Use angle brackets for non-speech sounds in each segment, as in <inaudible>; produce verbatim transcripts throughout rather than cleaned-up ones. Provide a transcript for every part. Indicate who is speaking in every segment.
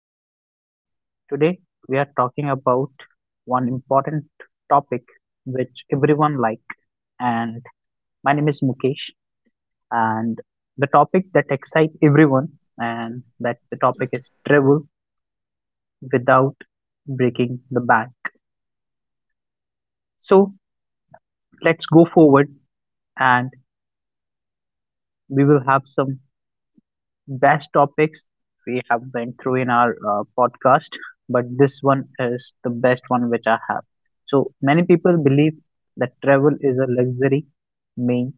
Speaker 1: Podcast. Today we are talking about one important topic which everyone like, and my name is Mukesh, and the topic that excites everyone, and that the topic is travel without breaking the bank. So let's go forward and we will have some vast topics we have went through in our uh, podcast, but this one is the best one which I have. So many people believe that travel is a luxury meant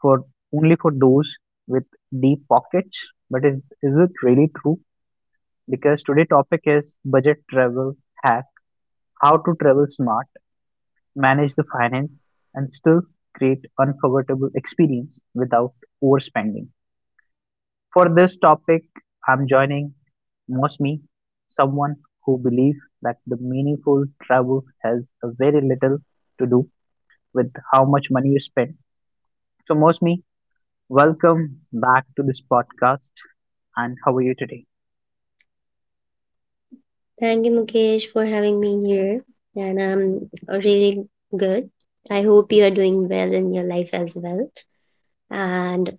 Speaker 1: for only for those with deep pockets, but is is it really true? Because today topic is budget travel hack, how to travel smart, manage the finance, and still create unforgettable experience without overspending. For this topic, I'm joining Mosmi, someone who believes that the meaningful travel has a very little to do with how much money you spend. So, Mosmi, welcome back to this podcast. And how are you today?
Speaker 2: Thank you, Mukesh, for having me here. And I'm really good. I hope you are doing well in your life as well. And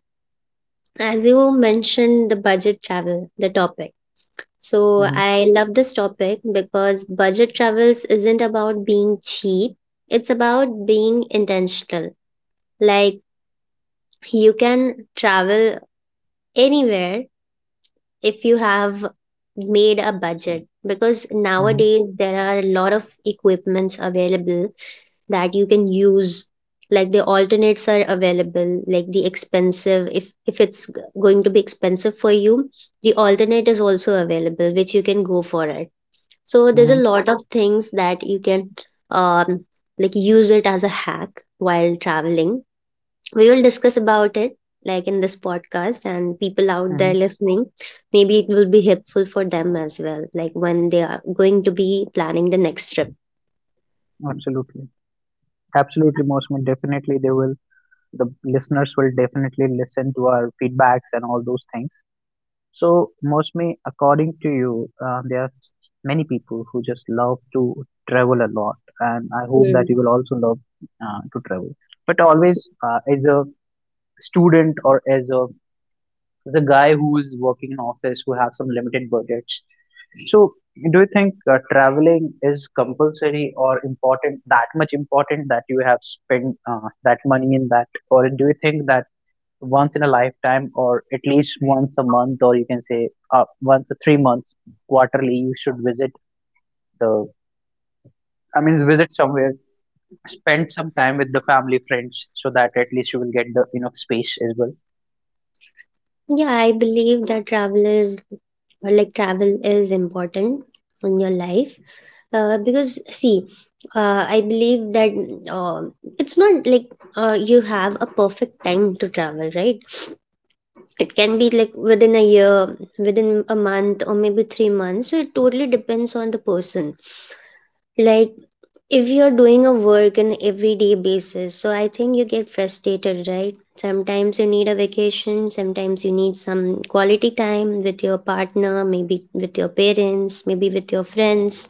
Speaker 2: as you mentioned, the budget travel, the topic. So
Speaker 1: Mm-hmm,
Speaker 2: I love this topic because budget travels isn't about being cheap, it's about being intentional. Like you can travel anywhere if you have made a budget because
Speaker 1: mm-hmm,
Speaker 2: nowadays there are a lot of equipments available that you can use, like the alternates are available. Like the expensive, if if it's g- going to be expensive for you, the alternate is also available which you can go for it. So there's a
Speaker 1: mm-hmm,
Speaker 2: lot of things that you can um like use it as a hack while traveling. We will discuss about it like in this podcast, and people out
Speaker 1: mm-hmm.
Speaker 2: there listening, maybe it will be helpful for them as well, like when they are going to be planning the next trip.
Speaker 1: Absolutely. Absolutely, Mosmi. Definitely, they will, the listeners will definitely listen to our feedbacks and all those things. So, Mosmi, according to you, uh, there many people who just love to travel a lot, and I hope
Speaker 2: Hmm.
Speaker 1: that you will also love uh, to travel. But always, uh, as a student or as a the guy who is working in office who have some limited budgets. So, do you think uh, traveling is compulsory or important? That much important that you have spent uh, that money in that, or do you think that once in a lifetime, or at least once a month, or you can say uh, once a three months, quarterly, you should visit the I mean, visit somewhere, spend some time with the family, friends, so that at least you will get the enough space as well.
Speaker 2: Yeah, I believe that travel is or like travel is important in your life, uh, because see, uh, I believe that, uh, it's not like, uh, you have a perfect time to travel, right? It can be like within a year, within a month, or maybe three months. So it totally depends on the person. Like if you're doing a work on everyday basis, so I think you get frustrated, right? Sometimes you need a vacation, sometimes you need some quality time with your partner, maybe with your parents, maybe with your friends.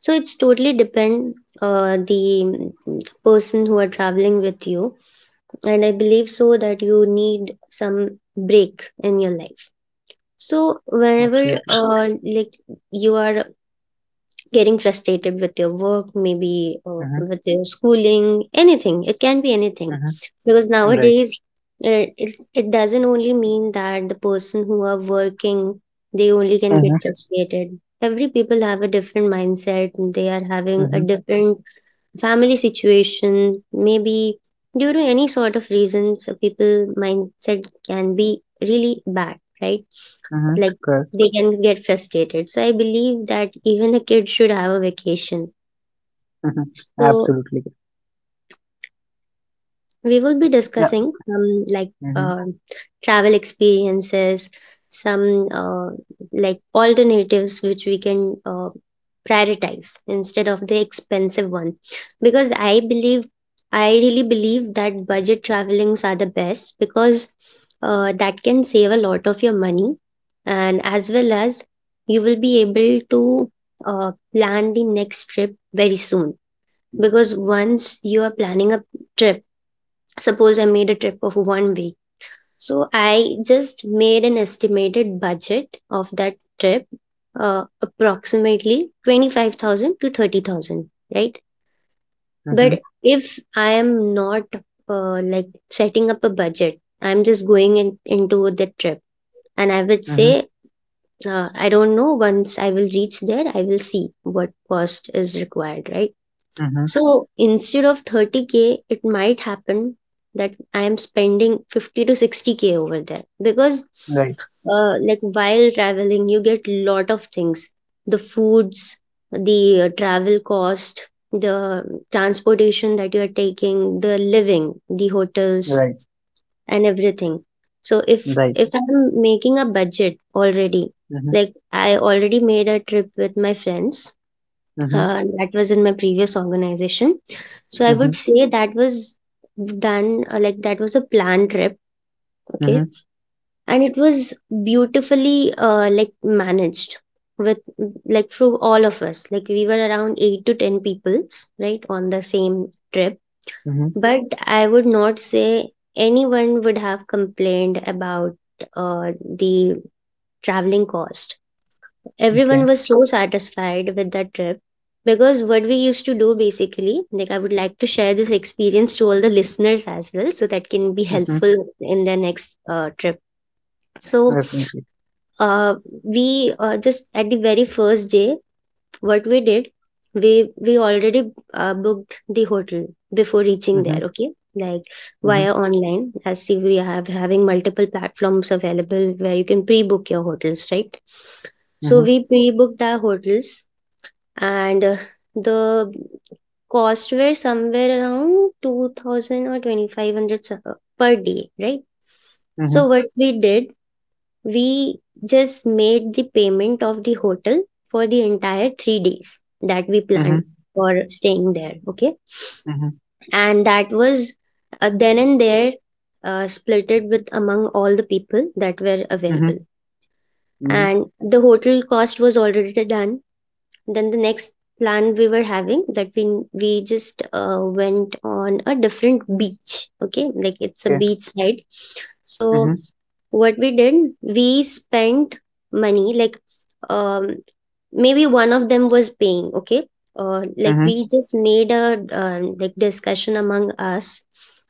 Speaker 2: So it's totally depend uh, the mm, person who are traveling with you. And I believe so that you need some break in your life. So whenever
Speaker 1: Absolutely.
Speaker 2: uh, like you are getting frustrated with your work, maybe uh,
Speaker 1: Mm-hmm.
Speaker 2: with your schooling, anything, it can be anything.
Speaker 1: Mm-hmm.
Speaker 2: Because
Speaker 1: Right.
Speaker 2: nowadays, uh, it's, it doesn't only mean that the person who are working, they only can get
Speaker 1: Mm-hmm.
Speaker 2: frustrated. Every people have a different mindset and they are having a
Speaker 1: Mm-hmm.
Speaker 2: different family situation, maybe due to any sort of reasons, uh, people mindset can be really bad, right?
Speaker 1: Mm-hmm.
Speaker 2: Like
Speaker 1: Correct.
Speaker 2: they can get frustrated. So I believe that even the kids should have a vacation.
Speaker 1: Mm-hmm.
Speaker 2: So
Speaker 1: Absolutely. Correct.
Speaker 2: we will be
Speaker 1: Yeah.
Speaker 2: discussing some like
Speaker 1: Mm-hmm.
Speaker 2: uh, travel experiences, some uh, like alternatives which we can uh, prioritize instead of the expensive one. Because I believe, I really believe that budget travelings are the best because uh, that can save a lot of your money, and as well as you will be able to uh, plan the next trip very soon. Because once you are planning a trip, suppose I made a trip of one week. So I just made an estimated budget of that trip, uh, approximately twenty-five thousand to thirty thousand, right?
Speaker 1: Mm-hmm.
Speaker 2: But if I am not uh, like setting up a budget, I'm just going in, into the trip. And I would
Speaker 1: Mm-hmm.
Speaker 2: say, uh, I don't know, once I will reach there, I will see what cost is required, right?
Speaker 1: Mm-hmm.
Speaker 2: So instead of thirty k, it might happen that I am spending fifty to sixty k over there. Because
Speaker 1: Right.
Speaker 2: uh, like while traveling you get lot of things, the foods, the uh, travel cost, the transportation that you are taking, the living, the hotels
Speaker 1: Right.
Speaker 2: and everything. So if
Speaker 1: Right.
Speaker 2: if I'm making a budget already,
Speaker 1: Mm-hmm.
Speaker 2: like I already made a trip with my friends,
Speaker 1: Mm-hmm.
Speaker 2: uh, that was in my previous organization. So I
Speaker 1: Mm-hmm.
Speaker 2: would say that was done, uh, like that was a planned trip, okay,
Speaker 1: Mm-hmm.
Speaker 2: and it was beautifully uh, like managed with like through all of us. Like we were around eight to ten peoples, right, on the same trip.
Speaker 1: Mm-hmm.
Speaker 2: But I would not say anyone would have complained about uh, the traveling cost. Everyone
Speaker 1: Okay.
Speaker 2: was so satisfied with that trip. Because what we used to do basically, like I would like to share this experience to all the listeners as well so that can be
Speaker 1: Mm-hmm.
Speaker 2: helpful in their next uh, trip. So
Speaker 1: Definitely.
Speaker 2: uh, we uh, just at the very first day, what we did, we we already uh, booked the hotel before reaching there,
Speaker 1: Mm-hmm.
Speaker 2: okay, like via
Speaker 1: Mm-hmm.
Speaker 2: online. As see, we have having multiple platforms available where you can pre-book your hotels, right? So
Speaker 1: Mm-hmm.
Speaker 2: we pre-booked our hotels, and uh, the cost were somewhere around two thousand or twenty-five hundred so- uh, per day, right?
Speaker 1: Mm-hmm.
Speaker 2: So what we did, we just made the payment of the hotel for the entire three days that we planned
Speaker 1: Mm-hmm.
Speaker 2: for staying there, okay.
Speaker 1: Mm-hmm.
Speaker 2: And that was uh, then and there uh, splitted with among all the people that were available,
Speaker 1: Mm-hmm. Mm-hmm.
Speaker 2: and the hotel cost was already done. Then the next plan we were having that we we just uh, went on a different beach. Okay, like it's a
Speaker 1: Okay.
Speaker 2: beach side. So
Speaker 1: Mm-hmm.
Speaker 2: what we did, we spent money like um maybe one of them was paying. Okay, uh, like we
Speaker 1: Mm-hmm.
Speaker 2: just made a um, like discussion among us.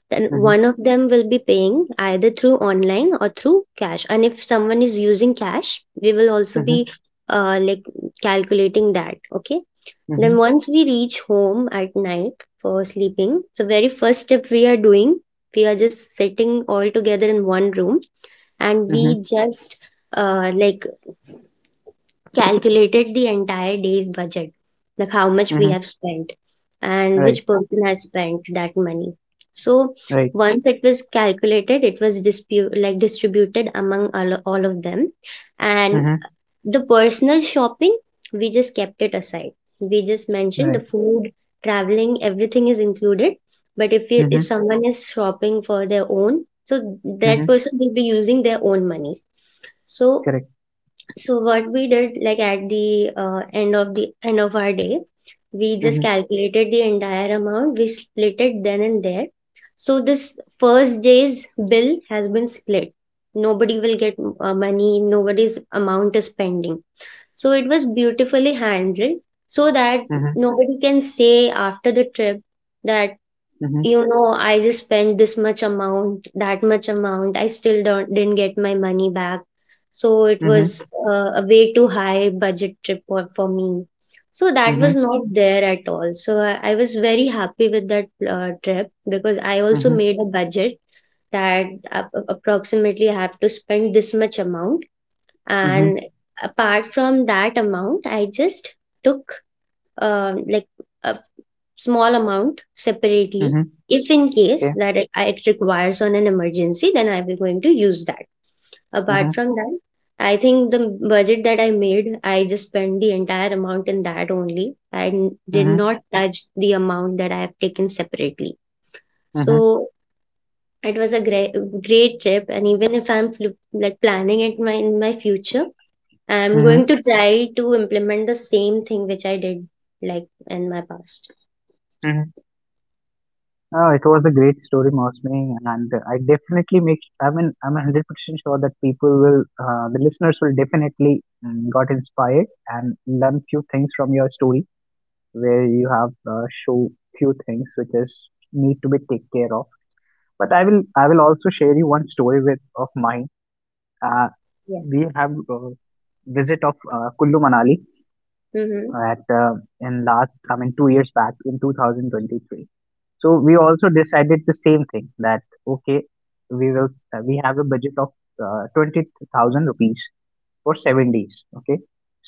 Speaker 2: Then
Speaker 1: Mm-hmm.
Speaker 2: one of them will be paying either through online or through cash, and if someone is using cash we will also be uh, like calculating that, okay.
Speaker 1: Mm-hmm.
Speaker 2: Then once we reach home at night for sleeping, so very first step we are doing, we are just sitting all together in one room and we
Speaker 1: Mm-hmm.
Speaker 2: just uh, like calculated the entire day's budget, like how much we
Speaker 1: Mm-hmm.
Speaker 2: have spent and
Speaker 1: Right.
Speaker 2: which person has spent that money. So
Speaker 1: Right.
Speaker 2: once it was calculated, it was dispute like distributed among all, all of them. And
Speaker 1: Mhm.
Speaker 2: the personal shopping, we just kept it aside. We just mentioned the
Speaker 1: Right.
Speaker 2: food, traveling, everything is included. But if you, if
Speaker 1: Mhm.
Speaker 2: someone is shopping for their own, so that
Speaker 1: Mhm.
Speaker 2: person will be using their own money. So
Speaker 1: Correct.
Speaker 2: so what we did, like at the uh, end of the end of our day, we just
Speaker 1: Mhm.
Speaker 2: calculated the entire amount. We split it then and there. So this first day's bill has been split. Nobody will get uh, money. Nobody's amount is pending. So it was beautifully handled so that
Speaker 1: Mhm.
Speaker 2: nobody can say after the trip that,
Speaker 1: Mhm.
Speaker 2: you know, I just spent this much amount, that much amount. I still don't, didn't get my money back. So it
Speaker 1: Mhm.
Speaker 2: was uh, a way too high budget trip for, for me. So that was
Speaker 1: Mhm.
Speaker 2: not there at all. So I, I was very happy with that uh, trip because I also
Speaker 1: Mhm.
Speaker 2: made a budget that ap- approximately I have to spend this much amount. And
Speaker 1: Mhm.
Speaker 2: apart from that amount, I just took um, like a small amount separately
Speaker 1: Mhm.
Speaker 2: if in case
Speaker 1: Okay.
Speaker 2: that it, it requires on an emergency, then I will going to use that. Apart
Speaker 1: Mhm.
Speaker 2: from that, I think the budget that I made, I just spent the entire amount in that only. I n- did
Speaker 1: Mhm.
Speaker 2: not touch the amount that I have taken separately.
Speaker 1: Mhm.
Speaker 2: So it was a great great trip, and even if I'm fl- like planning it my, in my future, I'm going
Speaker 1: Mhm.
Speaker 2: to try to implement the same thing which I did like in my past.
Speaker 1: Mhm. Oh, it was a great story, Mosmi, and I definitely make. I mean, I'm a hundred percent sure that people will, uh, the listeners will definitely um, got inspired and learn few things from your story, where you have uh, show few things which is need to be take care of. But I will, I will also share you one story with of mine. Uh,
Speaker 2: Yeah.
Speaker 1: we have uh, visit of uh, Kullu Manali
Speaker 2: Mm-hmm.
Speaker 1: at uh, in last I mean two years back in twenty twenty-three. So we also decided the same thing that okay, we will s- uh, we have a budget of uh, twenty thousand rupees for seven days. Okay,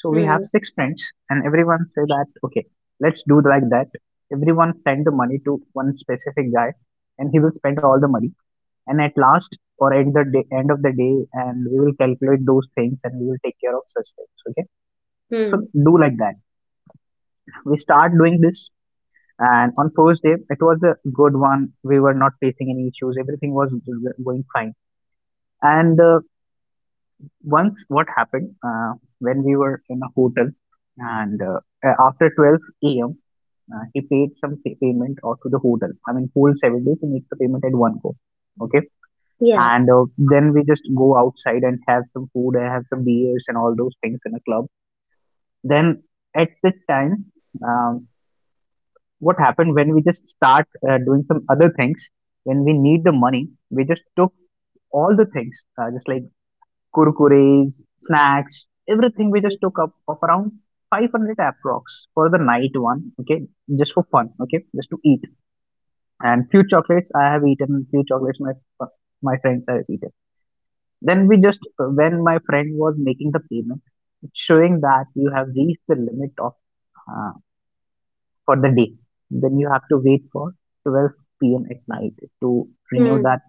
Speaker 1: so we have
Speaker 2: Hmm.
Speaker 1: six friends and everyone say that okay, let's do like that. Everyone send the money to one specific guy, and he will spend all the money, and at last or at the day, end of the day, and we will calculate those things, and we will take care of such things, okay? So
Speaker 2: Hmm.
Speaker 1: do like that, we start doing this, and on first day it was a good one. We were not facing any issues, everything was going fine. And uh, once what happened, uh, when we were in a hotel, and uh, after twelve a m uh, he paid some pay- payment or to the hotel. I mean, whole seven days he makes the payment at one go. Okay.
Speaker 2: Yeah.
Speaker 1: And uh, then we just go outside and have some food and have some beers and all those things in a club. Then at this time, um, what happened when we just start uh, doing some other things. When we need the money, we just took all the things uh, just like kurkures snacks, everything we just took up of around five hundred approx for the night one. Okay, just for fun, okay, just to eat. And few chocolates I have eaten, few chocolates my my friends have eaten. Then we just, when my friend was making the payment, it's showing that you have reached the limit of uh, for the day. Then you have to wait for twelve p m at night to renew
Speaker 2: Hmm.
Speaker 1: that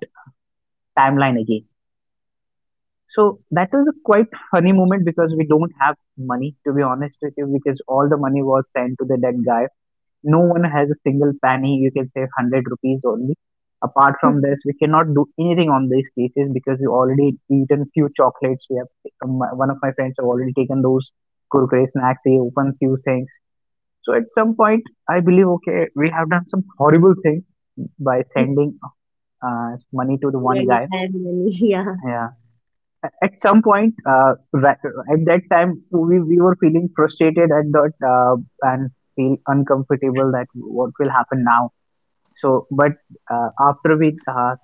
Speaker 1: timeline again. So that was a quite funny moment because we don't have money, to be honest with you, because all the money was sent to the dead guy. No one has a single penny. You can save one hundred rupees only. Apart from
Speaker 2: <laughs>
Speaker 1: this, we cannot do anything on these cases because we already eaten few chocolates. We have um, my- one of my friends have already taken those Kurkure snacks. He opened few things. So at some point, I believe okay, we have done some horrible thing by sending uh, money to the one
Speaker 2: Very
Speaker 1: guy.
Speaker 2: time money. <laughs> Yeah.
Speaker 1: Yeah. A- At some point, uh, ra- at that time, we, we were feeling frustrated at that uh, and feel uncomfortable that what will happen now. So, but uh, after we uh,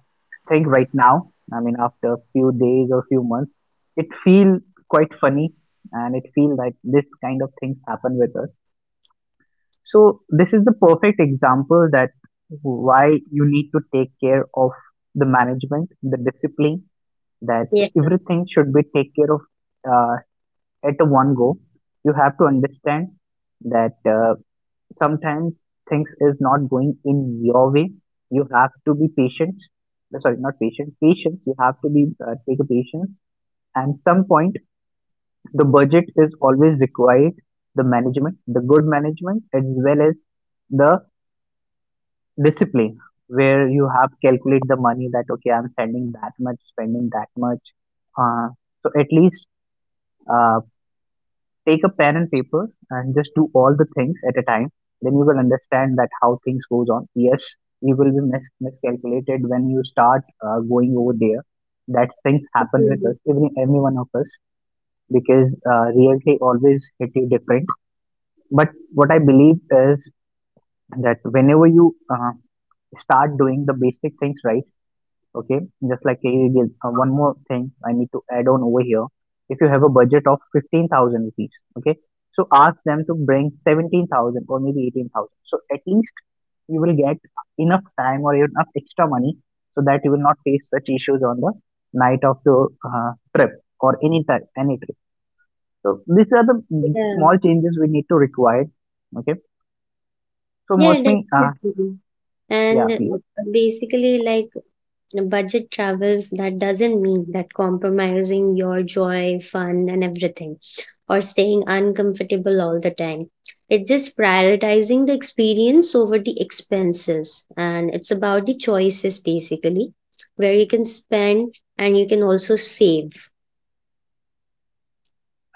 Speaker 1: think right now, I mean, after a few days or few months, it feel quite funny, and it feel like this kind of things happen with us. So this is the perfect example that why you need to take care of the management, the discipline, that
Speaker 2: Yeah.
Speaker 1: everything should be take care of uh, at a one go. You have to understand that uh, sometimes things is not going in your way, you have to be patient. Uh, sorry, not patient, patience, you have to be uh, take a patience. And some point the budget is always required, the management, the good management, as well as the discipline, where you have calculate the money that okay, I'm spending that much, spending that much. uh, so at least uh, take a pen and paper and just do all the things at a time, then you will understand that how things goes on. Yes, you will be mis- miscalculated when you start uh, going over there. That things happen with
Speaker 2: Mhm.
Speaker 1: us, even every one of us, because uh, reality always hit you different. But what I believe is that whenever you uh, start doing the basic things right. Okay, just like uh, again uh, one more thing I need to add on over here. If you have a budget of fifteen thousand rupees, okay, so ask them to bring seventeen thousand or maybe eighteen thousand, so at least you will get enough time or enough extra money, so that you will not face such issues on the night of the uh, trip or any type any trip. So these are the mm,
Speaker 2: Yeah.
Speaker 1: small changes we need to require. Okay, so
Speaker 2: Yeah,
Speaker 1: mostly uh,
Speaker 2: definitely.
Speaker 1: yeah
Speaker 2: And
Speaker 1: please,
Speaker 2: uh, basically, like budget travels, that doesn't mean that compromising your joy, fun, and everything, or staying uncomfortable all the time. It's just prioritizing the experience over the expenses. And it's about the choices basically, where you can spend and you can also save.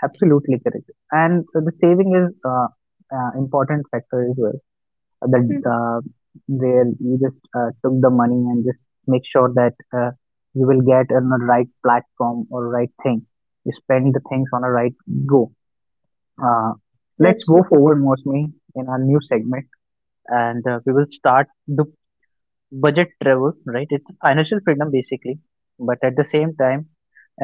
Speaker 1: absolutely correct. And the saving is uh, uh, important factor as well. That
Speaker 2: Hmm.
Speaker 1: uh, where you just uh, took the money and just make sure that uh, you will get on the right platform or right thing. You spend the things on a right go. Uh, let's go
Speaker 2: Absolutely.
Speaker 1: forward, Mosmi, in our new segment. And uh, we will start the budget travel. Right, it's financial freedom basically, but at the same time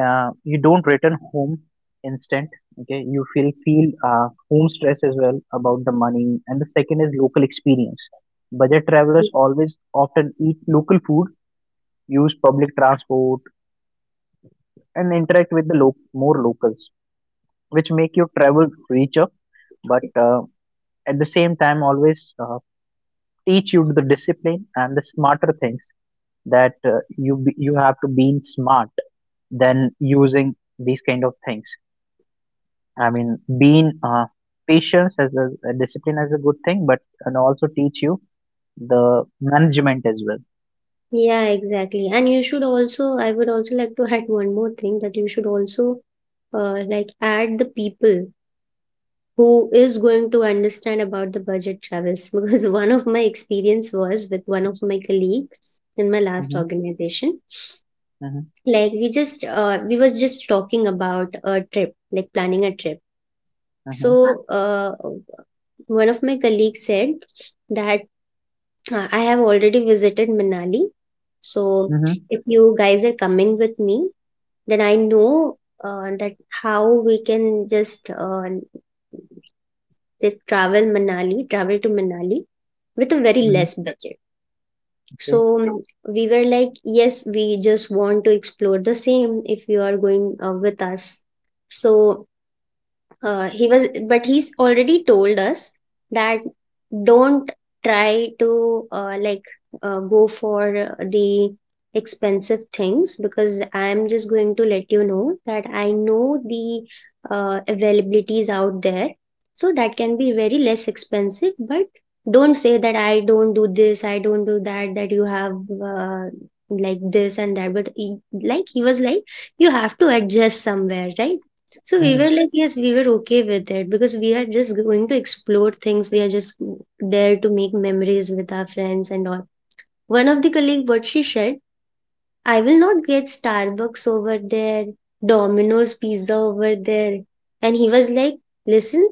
Speaker 1: uh, you don't return home instant. Okay, you feel feel uh, home stress as well about the money. And the second is local experience. Budget travelers always often eat local food, use public transport, and interact with the lo- more locals, which make your travel richer. But uh, at the same time always uh, teach you the discipline and the smarter things. That uh, you be- you have to be smart than using these kind of things. I mean, being uh, patience as a, a discipline is a good thing, but can also teach you the management as well.
Speaker 2: Yeah, exactly. And you should also, I would also like to add one more thing that you should also uh, like add the people who is going to understand about the budget travels <laughs> because one of my experience was with one of my colleague in my last
Speaker 1: Mhm,
Speaker 2: organization.
Speaker 1: mhm,
Speaker 2: Like we just uh, we was just talking about a trip, like planning a trip.
Speaker 1: mhm,
Speaker 2: So uh, one of my colleagues said that uh, I have already visited Manali. So
Speaker 1: mhm,
Speaker 2: if you guys are coming with me, then I know uh, that how we can just uh, just travel manali travel to Manali with a very
Speaker 1: mhm.
Speaker 2: less budget. So
Speaker 1: Okay.
Speaker 2: um, we were like, yes, we just want to explore the same if you are going uh, with us. So uh, he was, but he's already told us that don't try to uh, like uh, go for the expensive things because I am just going to let you know that I know the uh, availabilities out there, so that can be very less expensive. But don't say that I don't do this, I don't do that, that you have uh, like this and that. But he, like he was like, you have to adjust somewhere, right? So we
Speaker 1: Mhm,
Speaker 2: were like, yes, we were okay with it because we are just going to explore things. We are just there to make memories with our friends and all. One of the colleague, what she said, I will not get Starbucks over there, Domino's pizza over there. And he was like, listen,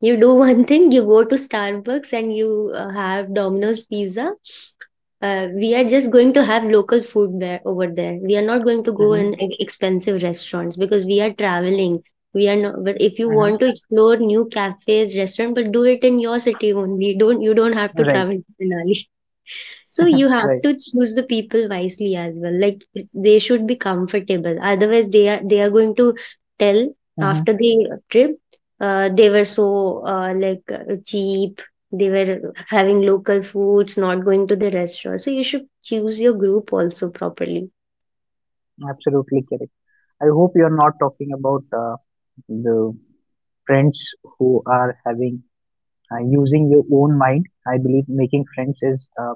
Speaker 2: you do one <laughs> thing, you go to Starbucks and you uh, have Domino's pizza. Uh, we are just going to have local food there over there. We are not going to go in
Speaker 1: mhm,
Speaker 2: e- expensive restaurants because we are traveling. We are not, but if you want to
Speaker 1: mhm.
Speaker 2: explore new cafes, restaurant, but do it in your city only. Don't You don't have to
Speaker 1: Right,
Speaker 2: travel to Manali. So you have
Speaker 1: right.
Speaker 2: to choose the people wisely as well. Like it's- they should be comfortable. Otherwise, they are they are going to tell after
Speaker 1: Mhm.
Speaker 2: the trip, uh, they were so uh, like uh, cheap. They were having local foods, not going to the restaurant. So you should choose your group also properly.
Speaker 1: Absolutely correct. I hope you're not talking about uh, the friends who are having uh, using your own mind. I believe making friends is uh,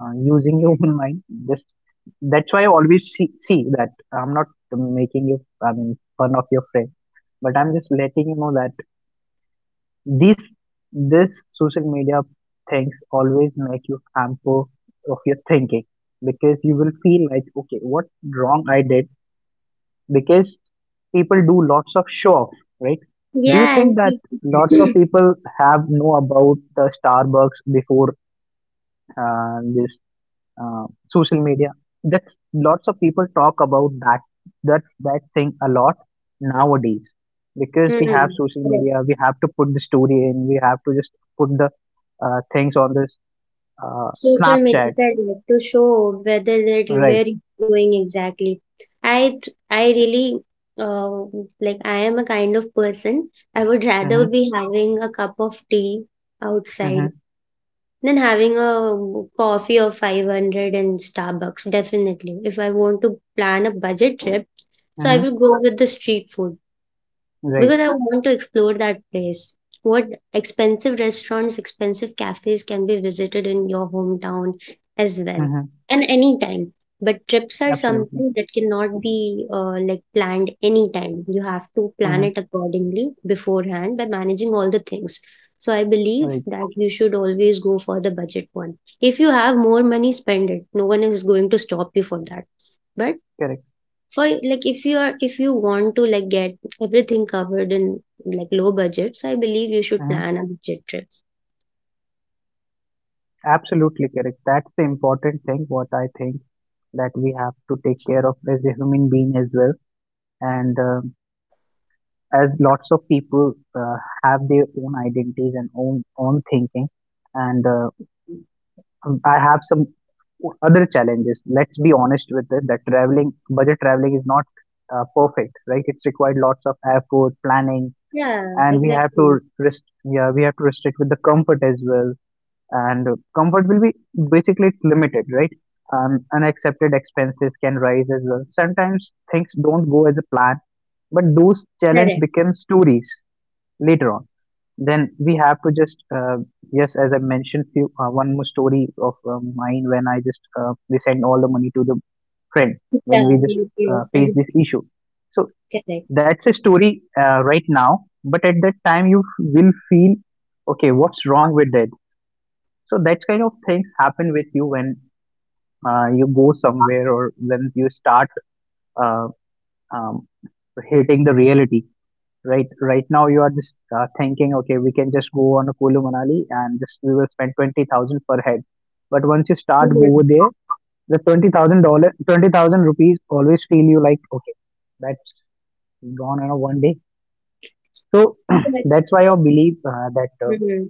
Speaker 1: uh, using your <laughs> own mind. Just that's why I always see, see that I'm not making you, I mean, fun of your friend, but I'm just letting you know that these this social media things always make you hamper of your thinking because you will feel like okay, what wrong I did because people do lots of show off, right? Do you
Speaker 2: Yeah,
Speaker 1: think
Speaker 2: and
Speaker 1: that lots of people have know about the Starbucks before uh, this uh, social media? That's lots of people talk about that that that thing a lot nowadays because we have
Speaker 2: <clears throat>
Speaker 1: social
Speaker 2: Hmm.
Speaker 1: media. We have to put the story in. We have to just put the uh, things on this uh,
Speaker 2: Social media
Speaker 1: Snapchat,
Speaker 2: led to show whether that you
Speaker 1: right?
Speaker 2: were going exactly. I th- I really uh, like I am a kind of person. I would rather
Speaker 1: Mm-hmm.
Speaker 2: be having a cup of tea outside
Speaker 1: Mm-hmm.
Speaker 2: than having a coffee of five hundred in Starbucks. Definitely, if I want to plan a budget trip, so I
Speaker 1: Mm-hmm.
Speaker 2: will go with the street food
Speaker 1: Right.
Speaker 2: because I want to explore that place. What expensive restaurants, expensive cafes can be visited in your hometown as well,
Speaker 1: Mm-hmm.
Speaker 2: and anytime. But trips are
Speaker 1: Absolutely.
Speaker 2: something that cannot be uh, like planned anytime. You have to plan it
Speaker 1: Mm-hmm.
Speaker 2: accordingly beforehand by managing all the things. So I believe
Speaker 1: Right.
Speaker 2: that you should always go for the budget one. If you have more money, spend it. No one is going to stop you for that. But
Speaker 1: Correct.
Speaker 2: for like if you are if you want to like get everything covered in like low budget, so I believe you should
Speaker 1: Mm-hmm.
Speaker 2: plan a budget trip.
Speaker 1: Absolutely correct. That's the important thing. What I think that we have to take care of as a human being as well. And. Uh, as lots of people uh, have their own identities and own own thinking and uh, um, i have some other challenges, let's be honest with it, that traveling budget traveling is not uh, perfect, right? It's required lots of effort planning,
Speaker 2: Yeah,
Speaker 1: and we have to
Speaker 2: exactly.
Speaker 1: rest yeah, we have to restrict with the comfort as well. And uh, comfort will be basically, it's limited, right? Um, unaccepted expenses can rise as well. Sometimes things don't go as a plan, but those challenge
Speaker 2: Correct.
Speaker 1: become stories later on. Then we have to just uh, yes, as I mentioned, few uh, one more story of uh, mine, when I just uh, we send all the money to the friend, when
Speaker 2: Yeah,
Speaker 1: we just
Speaker 2: you you
Speaker 1: uh,
Speaker 2: was
Speaker 1: face
Speaker 2: right.
Speaker 1: this issue. So
Speaker 2: <laughs> Correct.
Speaker 1: that's a story uh, right now, but at that time you f- will feel okay, what's wrong with that? So that kind of things happen with you when uh, you go somewhere, or when you start uh, um, hating the reality. Right, right now you are just uh, thinking, okay, we can just go on a Kulu Manali and just we will spend twenty thousand per head. But once you start go over
Speaker 2: Mhm.
Speaker 1: there, the twenty thousand dollar, twenty thousand rupees always feel you like okay, that's gone in a one day. So <clears throat>
Speaker 2: Correct.
Speaker 1: that's why I believe uh, that uh,
Speaker 2: Mhm.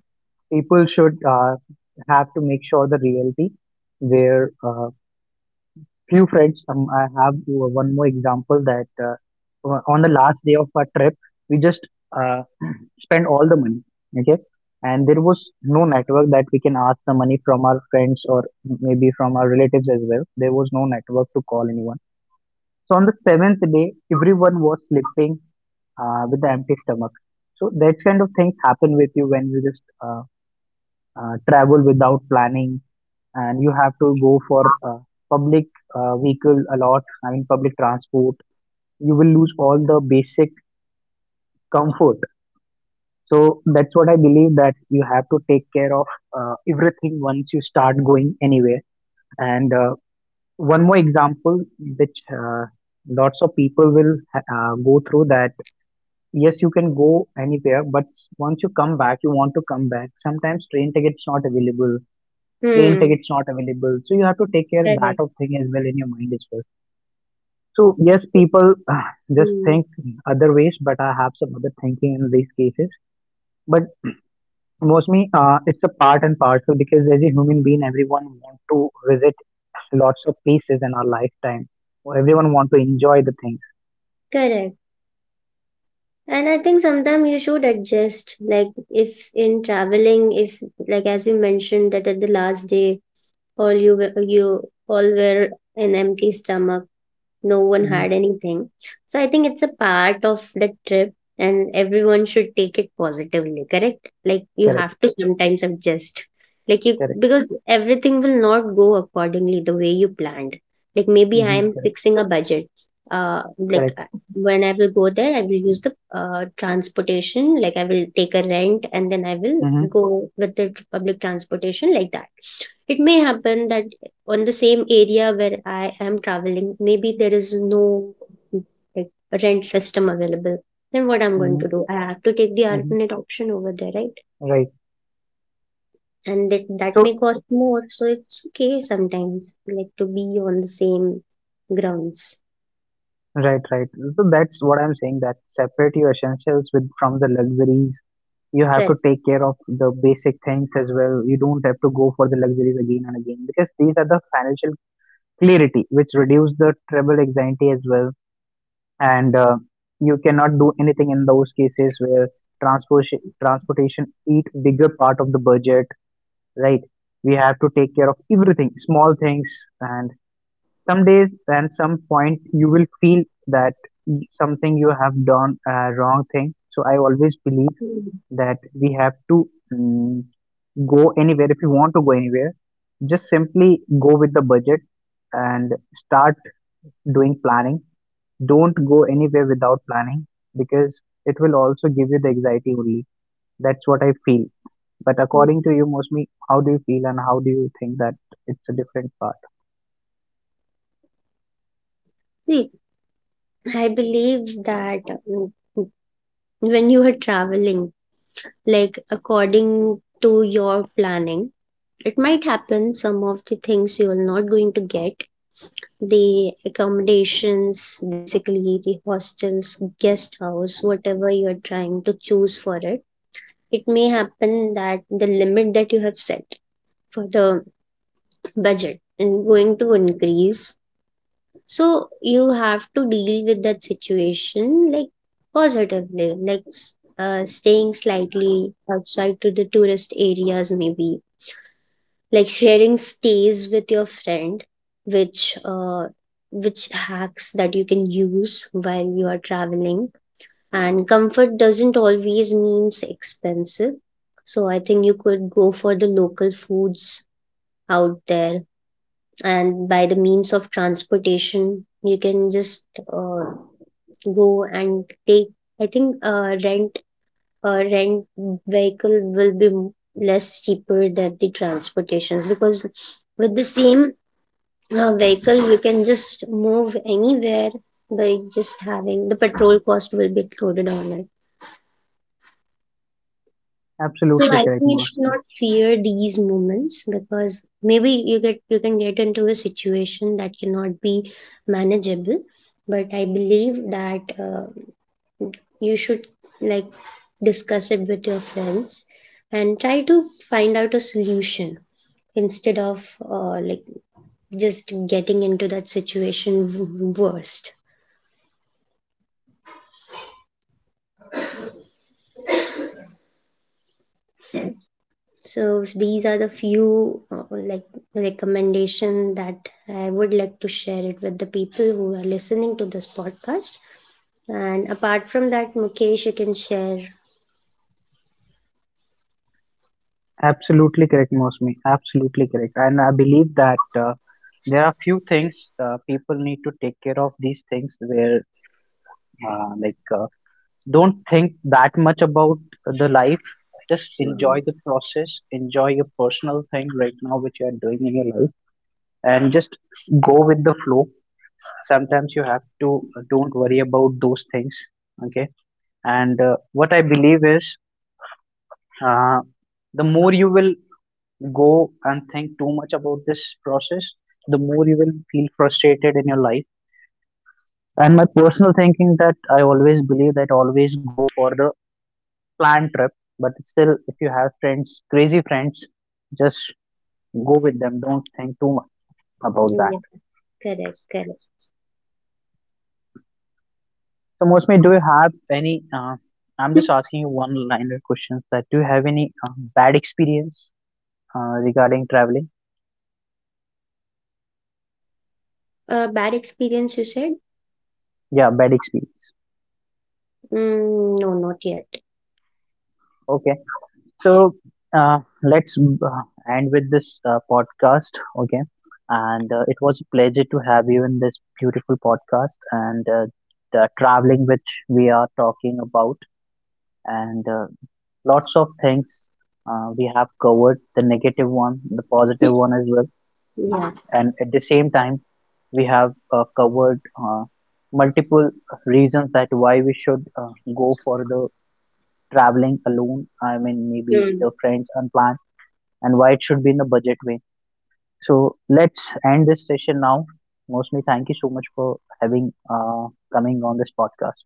Speaker 1: people should uh, have to make sure the reality where uh, few friends. Um, I have one more example that uh, on the last day of our trip, we just uh, spend all the money, okay, and there was no network that we can ask the money from our friends, or maybe from our relatives as well. There was no network to call anyone. So on the seventh day, everyone was sleeping uh, with the empty stomach. So that kind of things happen with you when you just uh, uh, travel without planning, and you have to go for uh, public uh, vehicle a lot. I mean public transport. You will lose all the basic comfort. So that's what I believe, that you have to take care of uh, everything once you start going anywhere. And uh, one more example, which uh, lots of people will uh, go through that. Yes, you can go anywhere, but once you come back, you want to come back. Sometimes train tickets not available, plane
Speaker 2: Hmm.
Speaker 1: tickets not available. So you have to take care of that
Speaker 2: Correct.
Speaker 1: of thing as well in your mind as well. So yes, people uh, just
Speaker 2: Hmm.
Speaker 1: think other ways, but I have some other thinking in these cases. But mostly, uh, it's a part and parcel, because as a human being, everyone want to visit lots of places in our lifetime. Or everyone want to enjoy the things.
Speaker 2: Correct. And I think sometimes you should adjust, like if in traveling, if like as you mentioned that at the last day, all you were- you all were an empty stomach, no one
Speaker 1: Hmm.
Speaker 2: had anything. So I think it's a part of the trip and everyone should take it positively, correct? Like you
Speaker 1: Correct,
Speaker 2: have to sometimes adjust. Like you
Speaker 1: correct,
Speaker 2: because everything will not go accordingly the way you planned. Like maybe I
Speaker 1: hmm,
Speaker 2: am
Speaker 1: correct,
Speaker 2: fixing a budget. Uh like
Speaker 1: correct.
Speaker 2: uh, when I will go there, I will use the uh transportation, like I will take a rent and then I will
Speaker 1: Hmm,
Speaker 2: go with the public transportation like that. It may happen that on the same area where I am traveling, maybe there is no like rent system available. Then what I'm going
Speaker 1: hmm,
Speaker 2: to do? I have to take the
Speaker 1: hmm.
Speaker 2: alternate option over there, right?
Speaker 1: Right.
Speaker 2: And that that
Speaker 1: So
Speaker 2: may cost more, so it's okay sometimes, like to be on the same grounds.
Speaker 1: right, right. So that's what I'm saying. That separate your essentials with from the luxuries. You have to
Speaker 2: Correct.
Speaker 1: take care of the basic things as well. You don't have to go for the luxuries again and again, because these are the financial clarity which reduce the trouble anxiety as well. And uh, you cannot do anything in those cases where transportation transportation eat bigger part of the budget, right? We have to take care of everything small things, and some days and some point you will feel that y- something you have done uh, wrong thing. So I always believe
Speaker 2: Mm.
Speaker 1: that we have to mm go anywhere. If you want to go anywhere, just simply go with the budget and start doing planning. Don't go anywhere without planning, because it will also give you the anxiety only. That's what I feel. But
Speaker 2: Mm.
Speaker 1: according to you, mostly, how do you feel and how do you think that it's a different part?
Speaker 2: See, I believe that um, when you are traveling, like according to your planning, it might happen some of the things you are not going to get the accommodations, basically the hostels, guest house, whatever you're trying to choose for it, it may happen that the limit that you have set for the budget is going to increase. So you have to deal with that situation like positively, like s- uh, staying slightly outside to the tourist areas, maybe like sharing stays with your friend, which uh, which hacks that you can use while you are traveling. And comfort doesn't always means expensive, so I think you could go for the local foods out there. And by the means of transportation, you can just uh, go and take, I think uh, rent uh, rent vehicle will be m- less cheaper than the transportation because with the same a vehicle we can just move anywhere, by just having the petrol cost will be included on it. So
Speaker 1: Absolutely
Speaker 2: I
Speaker 1: correct,
Speaker 2: think you should
Speaker 1: Master.
Speaker 2: not fear these moments because maybe you get you can get into a situation that cannot be manageable. But I believe that uh, you should like discuss it with your friends and try to find out a solution instead of uh, like just getting into that situation w- worst. So these are the few uh, like recommendation that I would like to share it with the people who are listening to this podcast. And apart from that, Mukesh, you can share.
Speaker 1: Absolutely correct, Mosmi. Absolutely correct. And I believe that uh, there are few things uh, people need to take care of these things where, uh, like, uh, don't think that much about the life. Just enjoy
Speaker 2: Mhm.
Speaker 1: the process, enjoy your personal thing right now, which you are doing in your life, and just go with the flow. Sometimes you have to uh, don't worry about those things. Okay. And uh, what I believe is uh, the more you will go and think too much about this process, the more you will feel frustrated in your life. And my personal thinking that I always believe that always go for the planned trip, but still, if you have friends, crazy friends, just go with them. Don't think too much about that.
Speaker 2: Yeah, correct, correct.
Speaker 1: So, mostly, do you have any? Uh, I'm just
Speaker 2: <laughs>
Speaker 1: asking you one-liner questions. That do you have any uh, bad experience uh, regarding traveling?
Speaker 2: Uh, bad experience, you said?
Speaker 1: Yeah, bad experience.
Speaker 2: Mm, no, not yet.
Speaker 1: Okay. So uh, let's uh, end with this uh, podcast, okay? And uh, it was a pleasure to have you in this beautiful podcast, and uh, the traveling which we are talking about, and uh, lots of things uh, we have covered, the negative one, the positive one as well.
Speaker 2: Yeah.
Speaker 1: And at the same time, we have uh, covered uh, multiple reasons that why we should uh, go for the traveling alone. I mean, maybe with
Speaker 2: Mm.
Speaker 1: your friends unplanned, and why it should be in a budget way. So let's end this session now. Mosmi, thank you so much for having uh, coming on this podcast.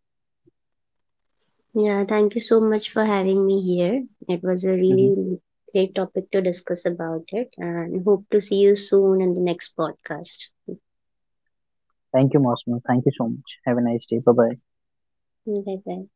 Speaker 2: Yeah, thank you so much for having me here. It was a
Speaker 1: Hmm
Speaker 2: really great topic to discuss about it and hope to see you soon in the next podcast.
Speaker 1: Thank you, Mosmi. Thank you so much. Have a nice day. Bye bye.
Speaker 2: Bye bye.